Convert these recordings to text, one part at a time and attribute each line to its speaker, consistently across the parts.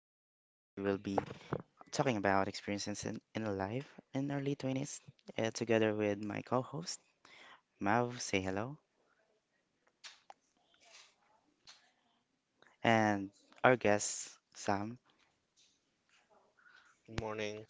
Speaker 1: and today we will be talking about experiences in life in early 20s, together with my co-host Mav, say hello, and our guest Sam.
Speaker 2: Good morning.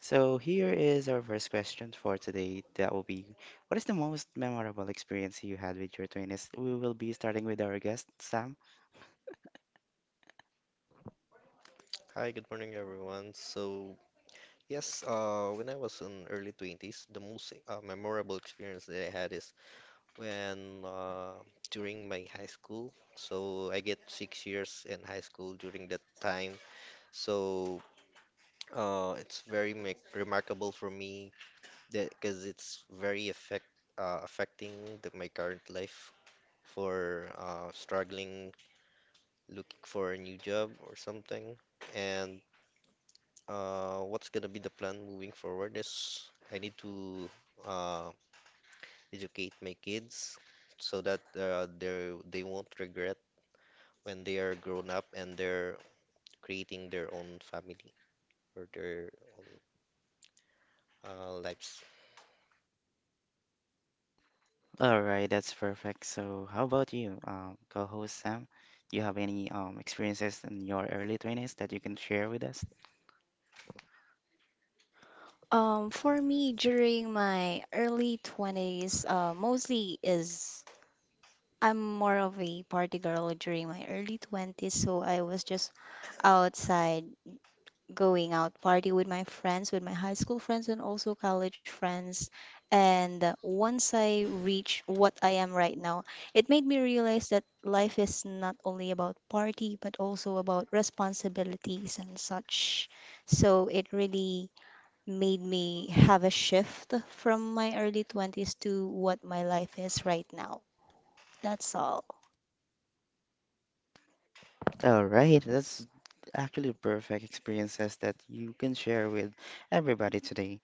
Speaker 1: So here is our first question for today. That will be, what is the most memorable experience you had with your 20s? We will be starting with our guest Sam.
Speaker 2: Hi, good morning, everyone. So, yes, when I was in early 20s, the most memorable experience that I had is when during my high school. So, I get 6 years in high school during that time. So, it's very make remarkable for me that because it's very affecting my current life for struggling, looking for a new job or something. And what's gonna be the plan moving forward is I need to uh, educate my kids so that they won't regret when they are grown up and they're creating their own family or their own lives.
Speaker 1: All right, that's perfect. So how about you, co-host Sam? Do you have any experiences in your early 20s that you can share with us?
Speaker 3: For me, during my early 20s, mostly is I'm more of a party girl during my early 20s, so I was just outside going out party with my friends, with my high school friends and also college friends. And once I reached what I am right now, it made me realize that life is not only about party, but also about responsibilities and such. So it really made me have a shift from my early 20s to what my life is right now. That's all.
Speaker 1: All right, that's actually perfect experiences that you can share with everybody today.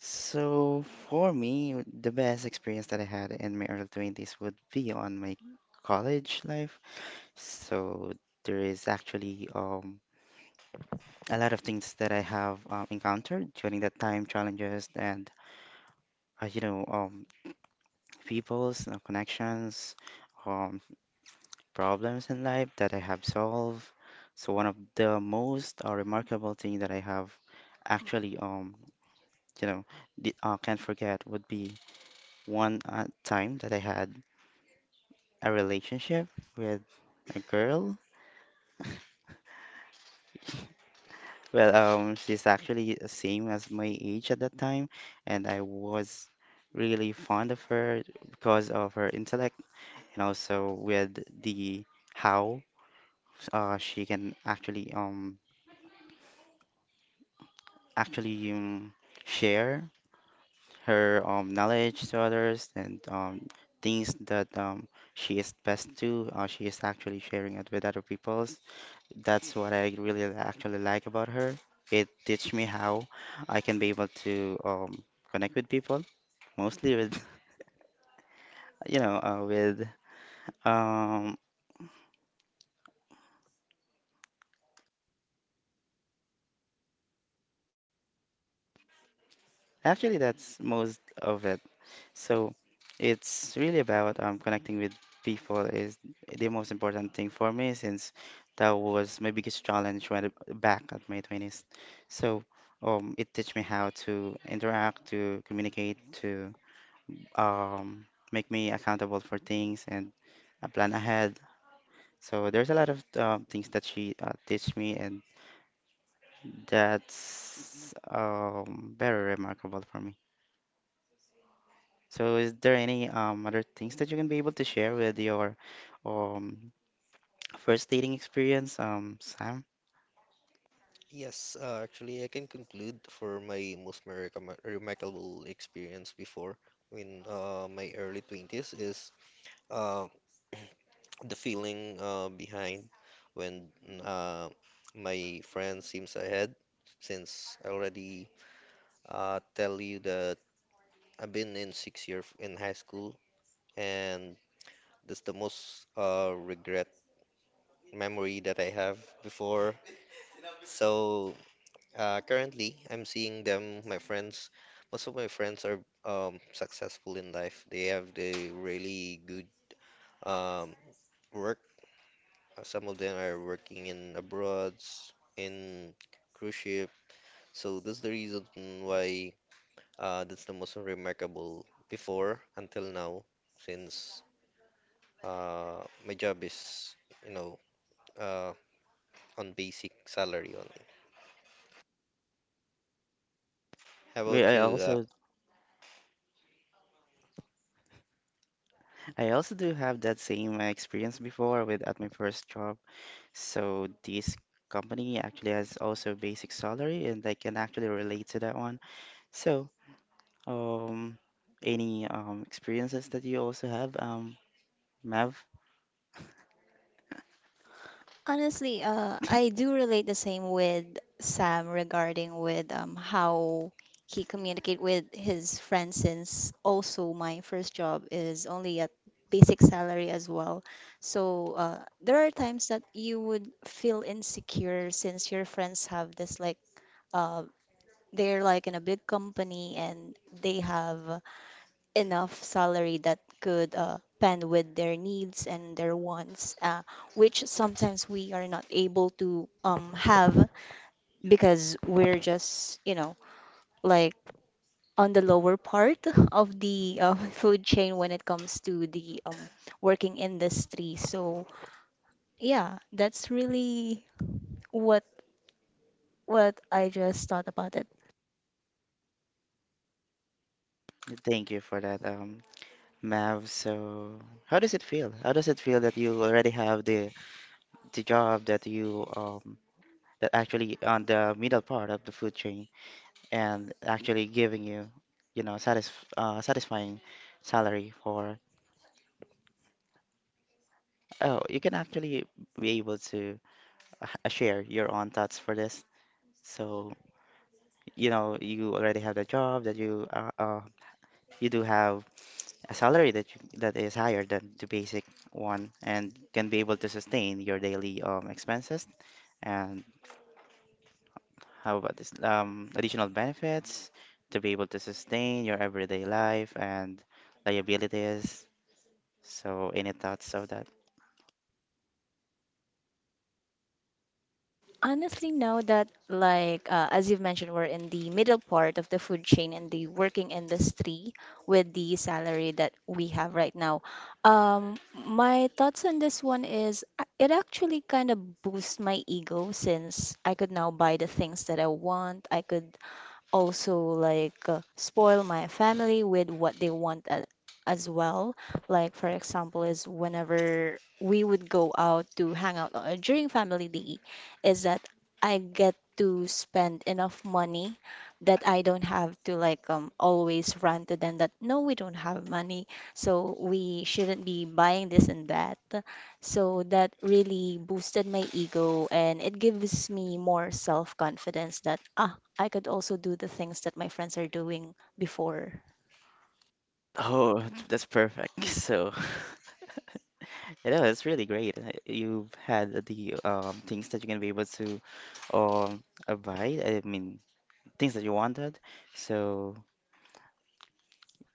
Speaker 1: So for me, the best experience that I had in my early 20s would be on my college life. So there is actually a lot of things that I have encountered during that time, challenges and uh, you know um, people's connections. um, Problems in life that I have solved. So one of the most remarkable thing that I have actually you know di- can't forget would be one time that I had a relationship with a girl. Well, she's actually the same as my age at that time, and I was really fond of her because of her intellect and also with the how she can actually actually share her knowledge to others and things that she is best to. She is actually sharing it with other peoples. That's what I really li- actually like about her. It teach me how I can be able to connect with people, mostly with with um, actually that's most of it. So it's really about connecting with people is the most important thing for me since that was my biggest challenge when back at my 20s. So it teach me how to interact, to communicate, to um, make me accountable for things and plan ahead. So there's a lot of things that she teach me and that's very remarkable for me. So is there any other things that you can be able to share with your um first dating experience, Sam?
Speaker 2: Yes, actually, I can conclude for my most miracle remarkable experience before in my early 20s is uh, the feeling behind when mm, uh, my friend seems ahead, since I already tell you that I've been in 6 year in high school, and that's the most regret memory that I have before. So currently, I'm seeing them, my friends. Most of my friends are successful in life. They have the really good um, work. Some of them are working in abroads, in cruise ship. So that's the reason why that's the most remarkable before until now, since my job is you know, uh, on basic salary only. How
Speaker 1: We
Speaker 2: about you?
Speaker 1: I also do have that same experience before with at my first job. So this company actually has also basic salary and I can actually relate to that one. So um any experiences that you also have, Mav?
Speaker 3: Honestly, I do relate the same with Sam regarding with how he communicate with his friends since also my first job is only at basic salary as well. So there are times that you would feel insecure since your friends have this like uh, they're like in a big company and they have enough salary that could pen with their needs and their wants, which sometimes we are not able to have because we're just, you know, like on the lower part of the food chain when it comes to the working industry. So yeah, that's really what what I just thought about it.
Speaker 1: Thank you for that, Mav. So how does it feel? How does it feel that you already have the job that you that actually on the middle part of the food chain and actually giving you you know satisf satisfying salary for oh you can actually be able to share your own thoughts for this so you know you already have the job that you you do have a salary that that is higher than the basic one and can be able to sustain your daily expenses and how about this? Additional benefits to be able to sustain your everyday life and liabilities. So, any thoughts of that?
Speaker 3: Honestly know that like as you've mentioned, we're in the middle part of the food chain and the working industry with the salary that we have right now. um my thoughts on this one is it actually kind of boosts my ego since I could now buy the things that I want. I could also like spoil my family with what they want as well. Like for example, is whenever we would go out to hang out during family day, is that I get to spend enough money that I don't have to like always rant to them that no, we don't have money, so we shouldn't be buying this and that. So that really boosted my ego and it gives me more self-confidence that ah, I could also do the things that my friends are doing before.
Speaker 1: Oh, that's perfect. So, you know, it's really great. You've had the things that you're gonna be able to um, avoid. I mean, things that you wanted. So,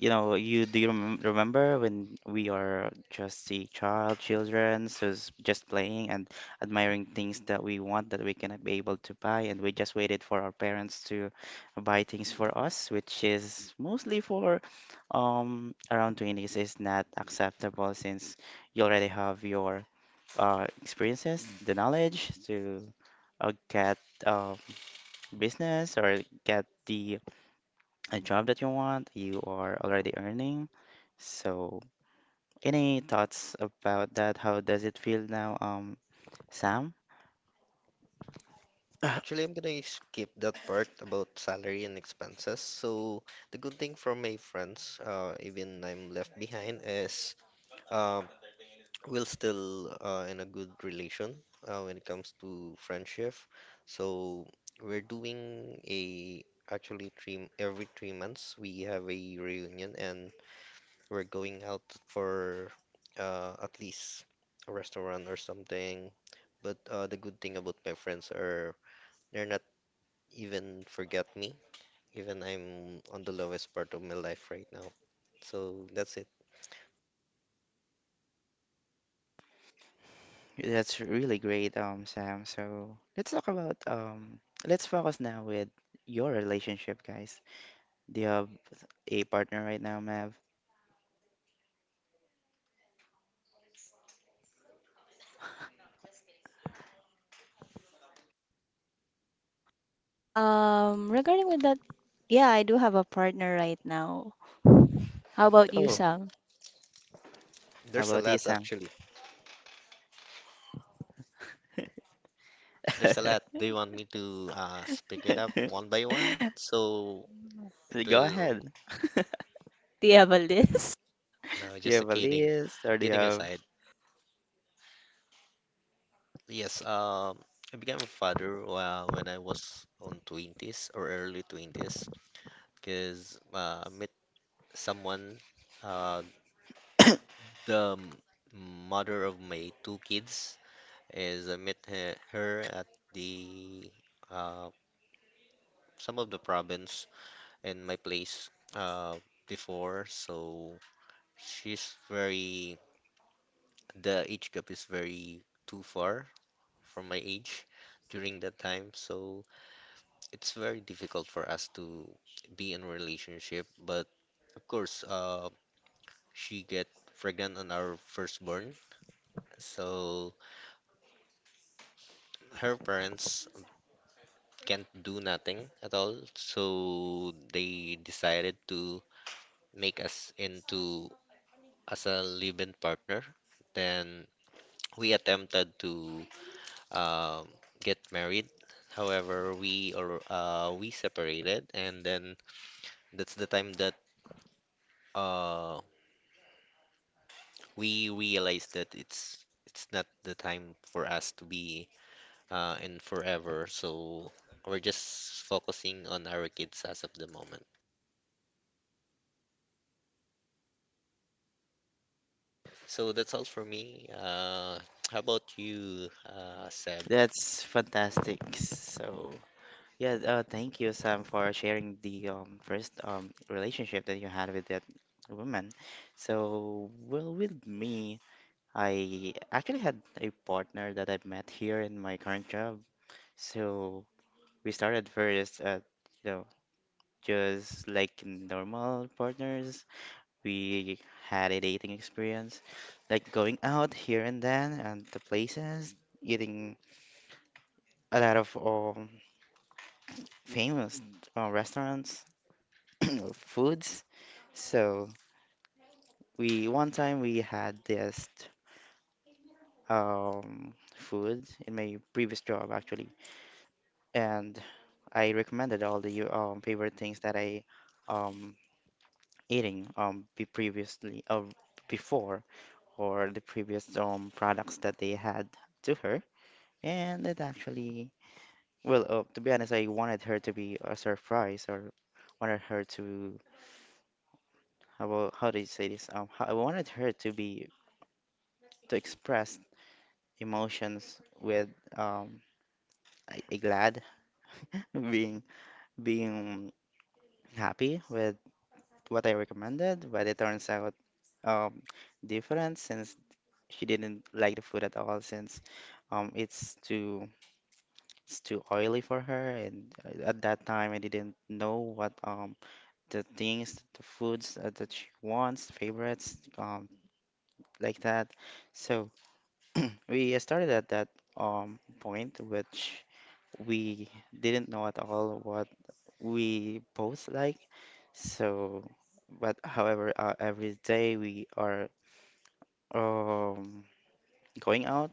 Speaker 1: you know, you remember when we are just children, so just playing and admiring things that we want that we cannot be able to buy, and we just waited for our parents to buy things for us, which is mostly for around 20s is not acceptable since you already have your experiences, the knowledge to get uh business or get the a job that you want, you are already earning. So, any thoughts about that? How does it feel now, Sam?
Speaker 2: Actually, I'm gonna skip that part about salary and expenses. So the good thing from my friends, even I'm left behind, is um, we're still in a good relation when it comes to friendship. So we're doing a actually three every 3 months we have a reunion and we're going out for at least a restaurant or something. But the good thing about my friends are they're not even forget me, even I'm on the lowest part of my life right now. So that's it.
Speaker 1: That's really great, Sam. So let's talk about let's focus now with your relationship, guys. Do you have a partner right now, Mav?
Speaker 3: Regarding with that, yeah, I do have a partner right now. How about you,
Speaker 1: Oh,
Speaker 3: Sam?
Speaker 1: how
Speaker 2: There's a
Speaker 1: about you,
Speaker 2: lot
Speaker 1: Sam?
Speaker 2: actually. There's a lot. Do you want me to speak it up one by one? So it
Speaker 1: Go
Speaker 2: will.
Speaker 1: ahead. Do
Speaker 3: Do you have a list?
Speaker 2: No,
Speaker 1: you
Speaker 2: just a
Speaker 1: have a
Speaker 2: kidding.
Speaker 1: list or do you
Speaker 2: Getting
Speaker 1: have?
Speaker 2: aside. Yes. I became a father when I was on twenties or early 20s, because I met someone. Uh, the mother of my two kids is I met her at the uh, some of the province in my place uh, before. So She's very, the age gap is very too far from my age during that time, so it's very difficult for us to be in a relationship. But of course, she get pregnant on our firstborn, so her parents can't do nothing at all. So they decided to make us into as a live-in partner. Then we attempted to um, get married. However, we separated, and then that's the time that uh, we realized that it's not the time for us to be in forever. So we're just focusing on our kids as of the moment. So that's all for me. How about you, Seb?
Speaker 1: That's fantastic. So yeah, thank you, Sam, for sharing the first relationship that you had with that woman. So, well, with me, I actually had a partner that I met here in my current job. So we started first at, you know, just like normal partners. We had a dating experience, like going out here and then and the places, eating a lot of famous restaurants foods. So we one time we had this food in my previous job actually, and I recommended all the favorite things that I um eating be previously before or the previous products that they had to her, and it actually well to be honest, I wanted her to be a surprise or wanted her to how about- how do you say this how, I wanted her to be to express emotions with um I glad being being happy with what I recommended, but it turns out um different since she didn't like the food at all since um it's too it's too oily for her and at that time I didn't know what the foods that she wants favorites like that, so we started at that point which we didn't know at all what we both like. So, but however, every day we are um, going out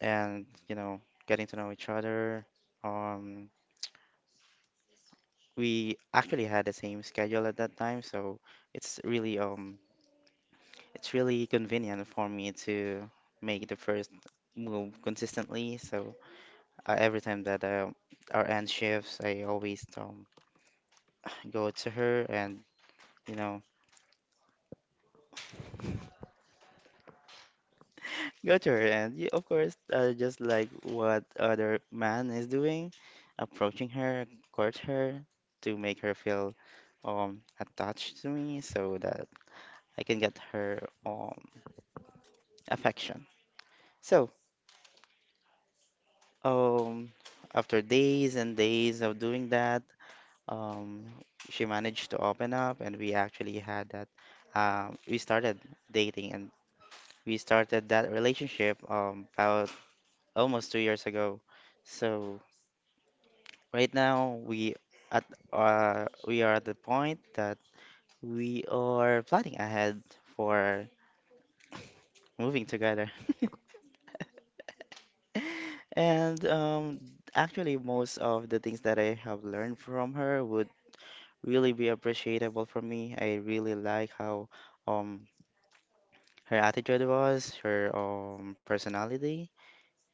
Speaker 1: and, you know, getting to know each other. Um, we actually had the same schedule at that time, so it's really um, it's really convenient for me to make the first move consistently. So every time that our end shifts, I always go to her and, you know, got your end. Yeah, of course, just like what other man is doing, approaching her, court her to make her feel attached to me so that I can get her affection. So, um after days and days of doing that, um she managed to open up and we actually had that. We started dating and we started that relationship about almost 2 years ago. So right now, at we are at the point that we are planning ahead for moving together. And actually, most of the things that I have learned from her would really be appreciable for me. I really like how um her attitude was, her personality.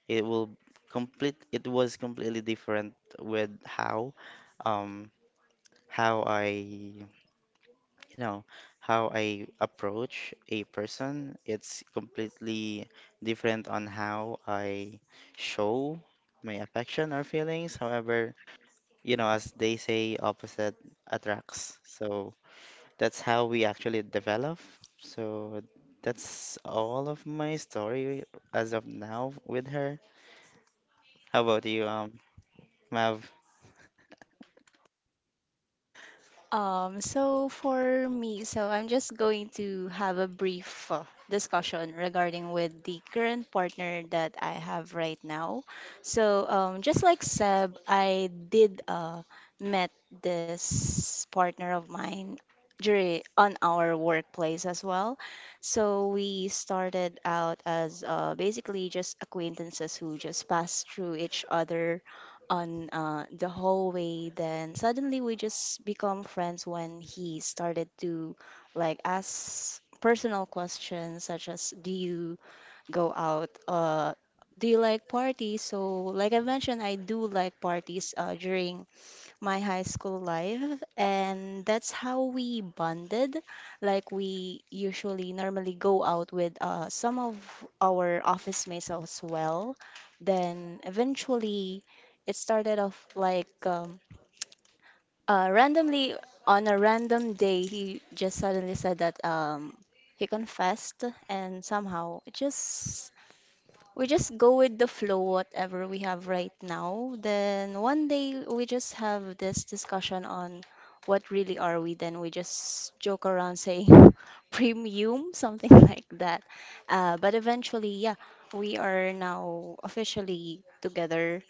Speaker 1: It will complete. It was completely different with how um how I you know, how I approach a person. It's completely different on how I show my affection or feelings. However, you know, as they say, opposite attracts. So that's how we actually develop. So that's all of my story as of now with her. How about you, Mav?
Speaker 3: So for me, so I'm just going to have a brief discussion regarding with the current partner that I have right now. So just like Seb, I did met this partner of mine during on our workplace as well. So we started out as basically just acquaintances who just passed through each other on the hallway. Then suddenly we just become friends when he started to like ask personal questions such as do you go out do you like parties? So like I mentioned, I do like parties during my high school life, and that's how we bonded. Like we usually normally go out with some of our office mates as well. Then eventually, it started off like randomly on a random day, he just suddenly said that he confessed, and somehow it just we just go with the flow, whatever we have right now. Then one day we just have this discussion on what really are we. Then we just joke around saying premium, something like that. But eventually, yeah, we are now officially together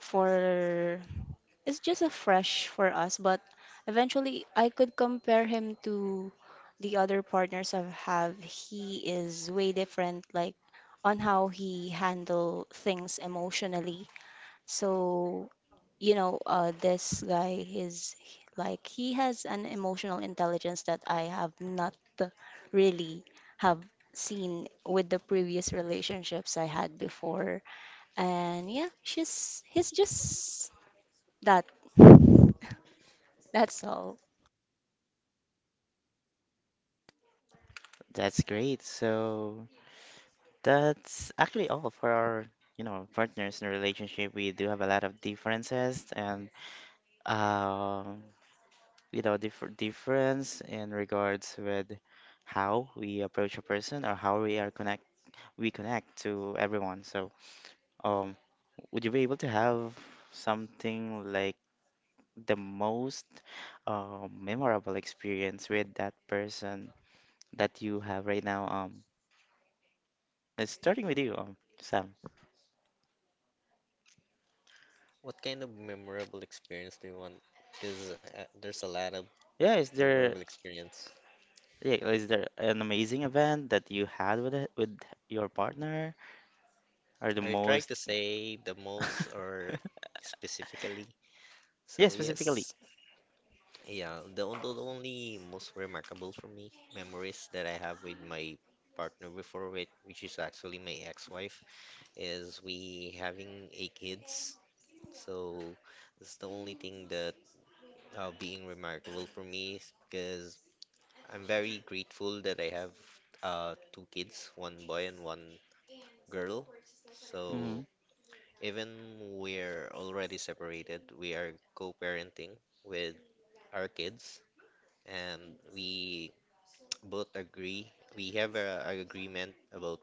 Speaker 3: for it's just a fresh for us, but eventually I could compare him to the other partners I've have. He is way different, like on how he handle things emotionally. So, you know, this guy is like he has an emotional intelligence that I have not really have seen with the previous relationships I had before. And yeah, she's he's just that. That's all.
Speaker 1: That's great. So that's actually all for our, you know, partners in relationship. We do have a lot of differences and, um, you know, difference in regards with how we approach a person or how we connect to everyone. So, um, would you be able to have something like the most memorable experience with that person that you have right now? It's starting with you, Sam.
Speaker 2: What kind of memorable experience do you want? Because there's a lot of
Speaker 1: Yeah, is there
Speaker 2: memorable experience.
Speaker 1: yeah, is there an amazing event that you had with it, with your partner or the
Speaker 2: Are you trying
Speaker 1: most?
Speaker 2: to say the most or specifically?
Speaker 1: Yeah,
Speaker 2: So
Speaker 1: specifically.
Speaker 2: yes, yeah, the only most remarkable for me memories that I have with my partner before with which is actually my ex-wife is we having eight kids. So that's the only thing that being remarkable for me because I'm very grateful that I have two kids, one boy and one girl.
Speaker 1: Hmm.
Speaker 2: So even we're already separated, we are co-parenting with our kids, and we both agree. We have a agreement about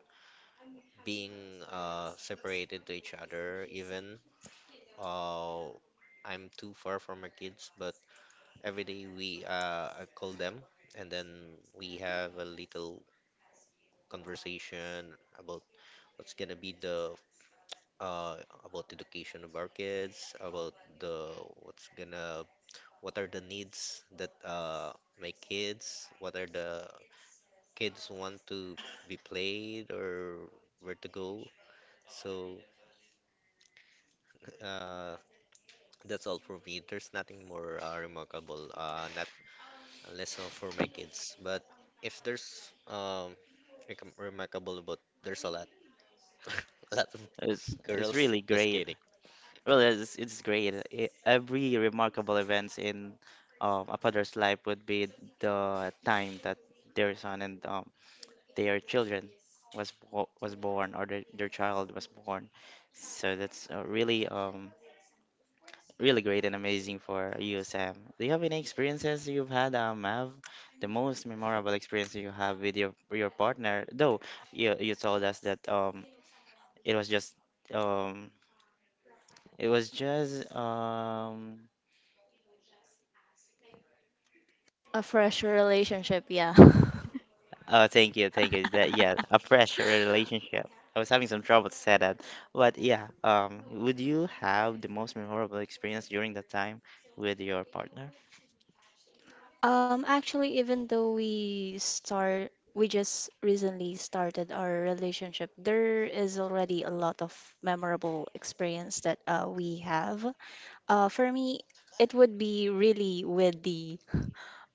Speaker 2: being separated to each other. Even uh, I'm too far from our kids, but every day we I call them, and then we have a little conversation about what's gonna be the uh, about education of our kids, about the what's gonna what are the needs that my kids, what are the kids want to be played or where to go. So uh, that's all for me. There's nothing more remarkable, not unless for my kids. But if there's remarkable, but there's a lot, a lot of
Speaker 1: It's
Speaker 2: girls.
Speaker 1: really
Speaker 2: Just
Speaker 1: great.
Speaker 2: kidding.
Speaker 1: Well, it's great. Every remarkable events in a father's life would be the time that their son and their children was born or their child was born. So that's really great and amazing for you, Sam. Do you have any experiences you've had, Mav? The most memorable experience you have with your partner, though you told us that it was just um it was just um
Speaker 3: A fresh relationship, yeah.
Speaker 1: oh, thank you, thank you that, yeah, a fresh relationship. I was having some trouble to say that, but yeah, would you have the most memorable experience during that time with your partner?
Speaker 3: Actually, even though we just recently started our relationship, there is already a lot of memorable experience that we have. For me, it would be really with the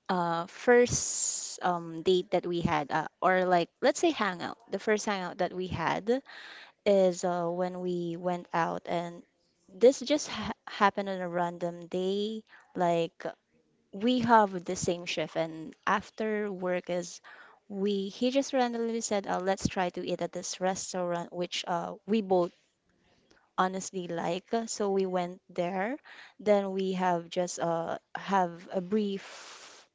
Speaker 3: first date that we had, or like, let's say hangout. The first hangout that we had is when we went out and this just ha happened on a random day. Like we have the same shift, and after work is we he just randomly said, "Let's try to eat at this restaurant," which we both honestly like. So we went there. Then we have just have a brief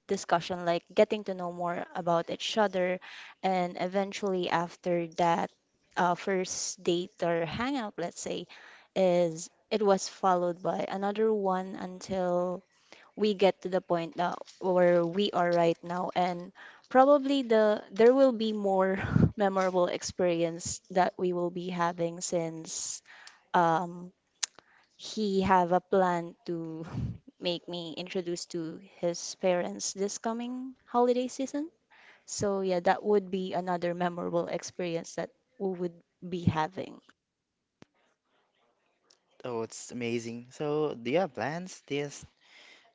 Speaker 3: discussion, like getting to know more about each other. And eventually after that first date or hangout, let's say, is it was followed by another one until we get to the point now where we are right now, and probably there will be more memorable experience that we will be having since um he have a plan to make me introduced to his parents this coming holiday season. So yeah, that would be another memorable experience that we would be having.
Speaker 1: Oh, it's amazing. So, do you have plans this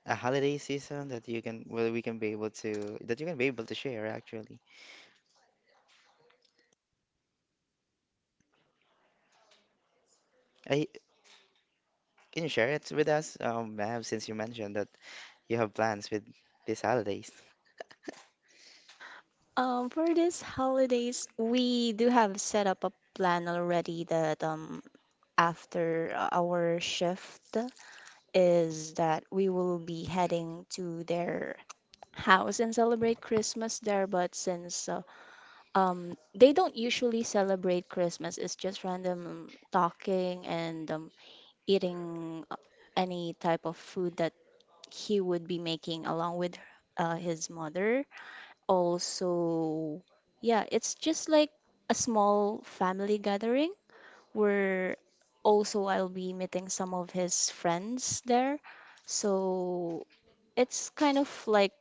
Speaker 1: a holiday season that you can we can be able to that you can be able to share actually. I, can you share it with us, Mav, since you mentioned that you have plans with these holidays?
Speaker 3: For this holidays, we do have set up a plan already that after our shift is that we will be heading to their house and celebrate Christmas there. But since they don't usually celebrate Christmas. It's just random talking and eating any type of food that he would be making along with his mother. Also, yeah, it's just like a small family gathering where also I'll be meeting some of his friends there. So it's kind of like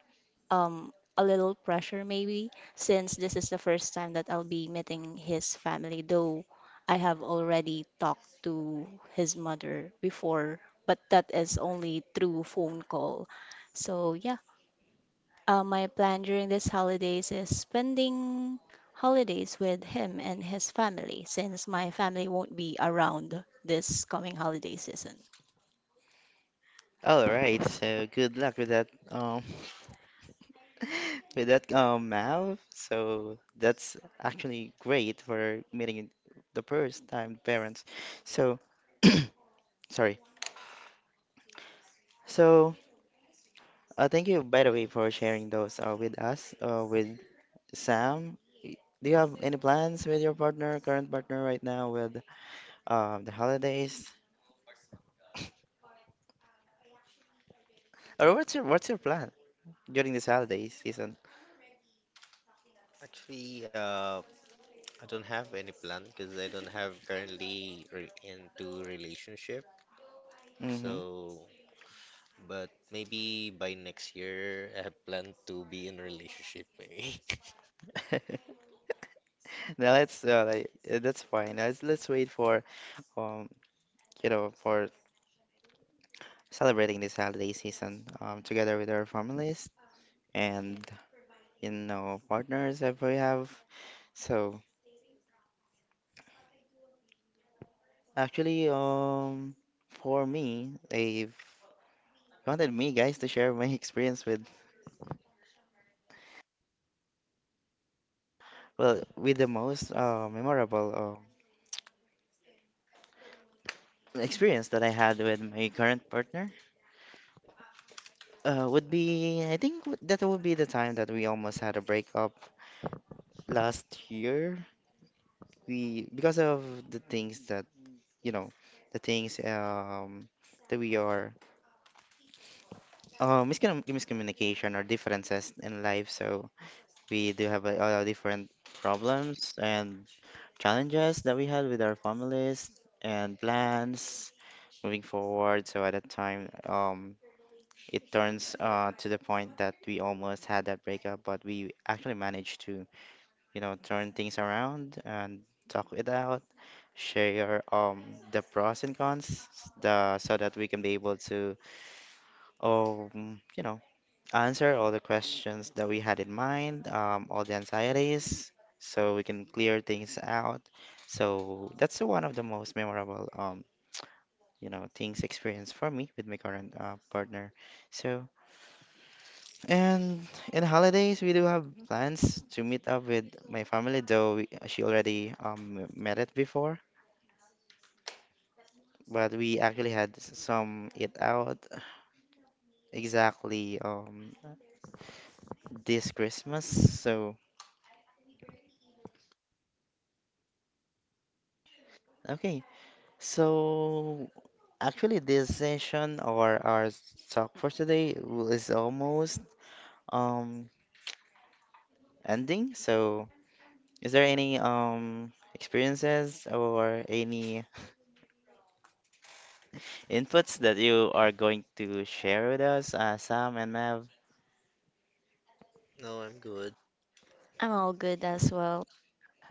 Speaker 3: a little pressure maybe since this is the first time that I'll be meeting his family, though I have already talked to his mother before, but that is only through phone call. So yeah, my plan during this holidays is spending holidays with him and his family since my family won't be around this coming holiday season.
Speaker 1: All right, so good luck with that, with that, Mav. So that's actually great for meeting the first time parents. So, sorry. So, thank you by the way for sharing those with us, with Sam, y- do you have any plans with your current partner right now with the holidays? Or what's your plan during this holiday season?
Speaker 2: Actually, I don't have any plan because I don't have currently re into relationship.
Speaker 1: Mm-hmm.
Speaker 2: So But maybe by next year, I have planned to be in a relationship. Maybe.
Speaker 1: Now that's fine. Let's wait for um for celebrating this holiday season together with our families and you know partners that we have. So actually for me, if you wanted me guys to share my experience with well, with the most memorable experience that I had with my current partner would be, I think that would be the time that we almost had a breakup last year. Because of the things that, you know, the things that we are, miscommunication or differences in life. So we do have different problems and challenges that we had with our families and plans moving forward. So at that time, it turns to the point that we almost had that breakup, but we actually managed to, you know, turn things around and talk it out, share the pros and cons, the so that we can be able to, you know, answer all the questions that we had in mind, all the anxieties, so we can clear things out. So that's one of the most memorable, you know, things experienced for me with my current partner. So. And in holidays, we do have plans to meet up with my family, though she already met it before. But we actually had some eat out exactly this Christmas. So okay, so actually this session or our talk for today is almost um ending. So is there any experiences or any inputs that you are going to share with us, Sam and Mev.
Speaker 2: No, I'm good.
Speaker 3: I'm all good as well.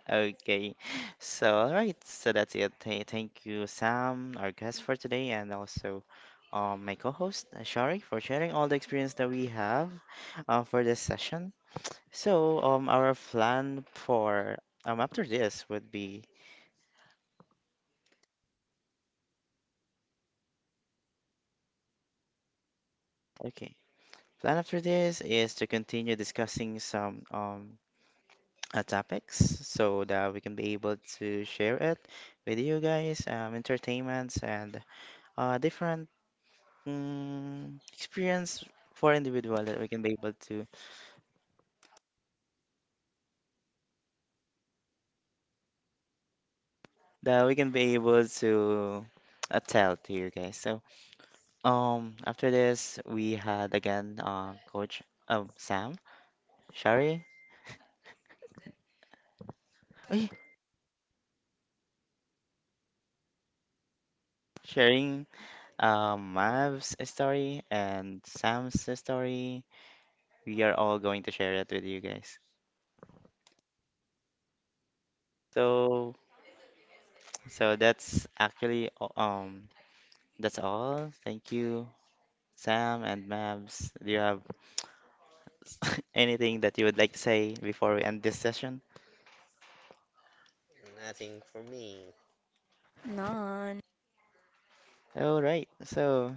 Speaker 1: Okay, so all right, so that's it. Thank you, Sam, our guest for today, and also my co-host Shari for sharing all the experience that we have for this session. So our plan for after this would be okay. Plan after this is to continue discussing some topics so that we can be able to share it with you guys, entertainments and different experience for individual that we can be able to that we can be able to tell to you guys. So after this we had again Coach Sam Shari. Ay, sharing Mav's story and Sam's story. We are all going to share it with you guys. So so that's actually that's all. Thank you, Sam and Mabs. Do you have anything that you would like to say before we end this session?
Speaker 2: Nothing for me.
Speaker 3: Nice.
Speaker 1: All right. So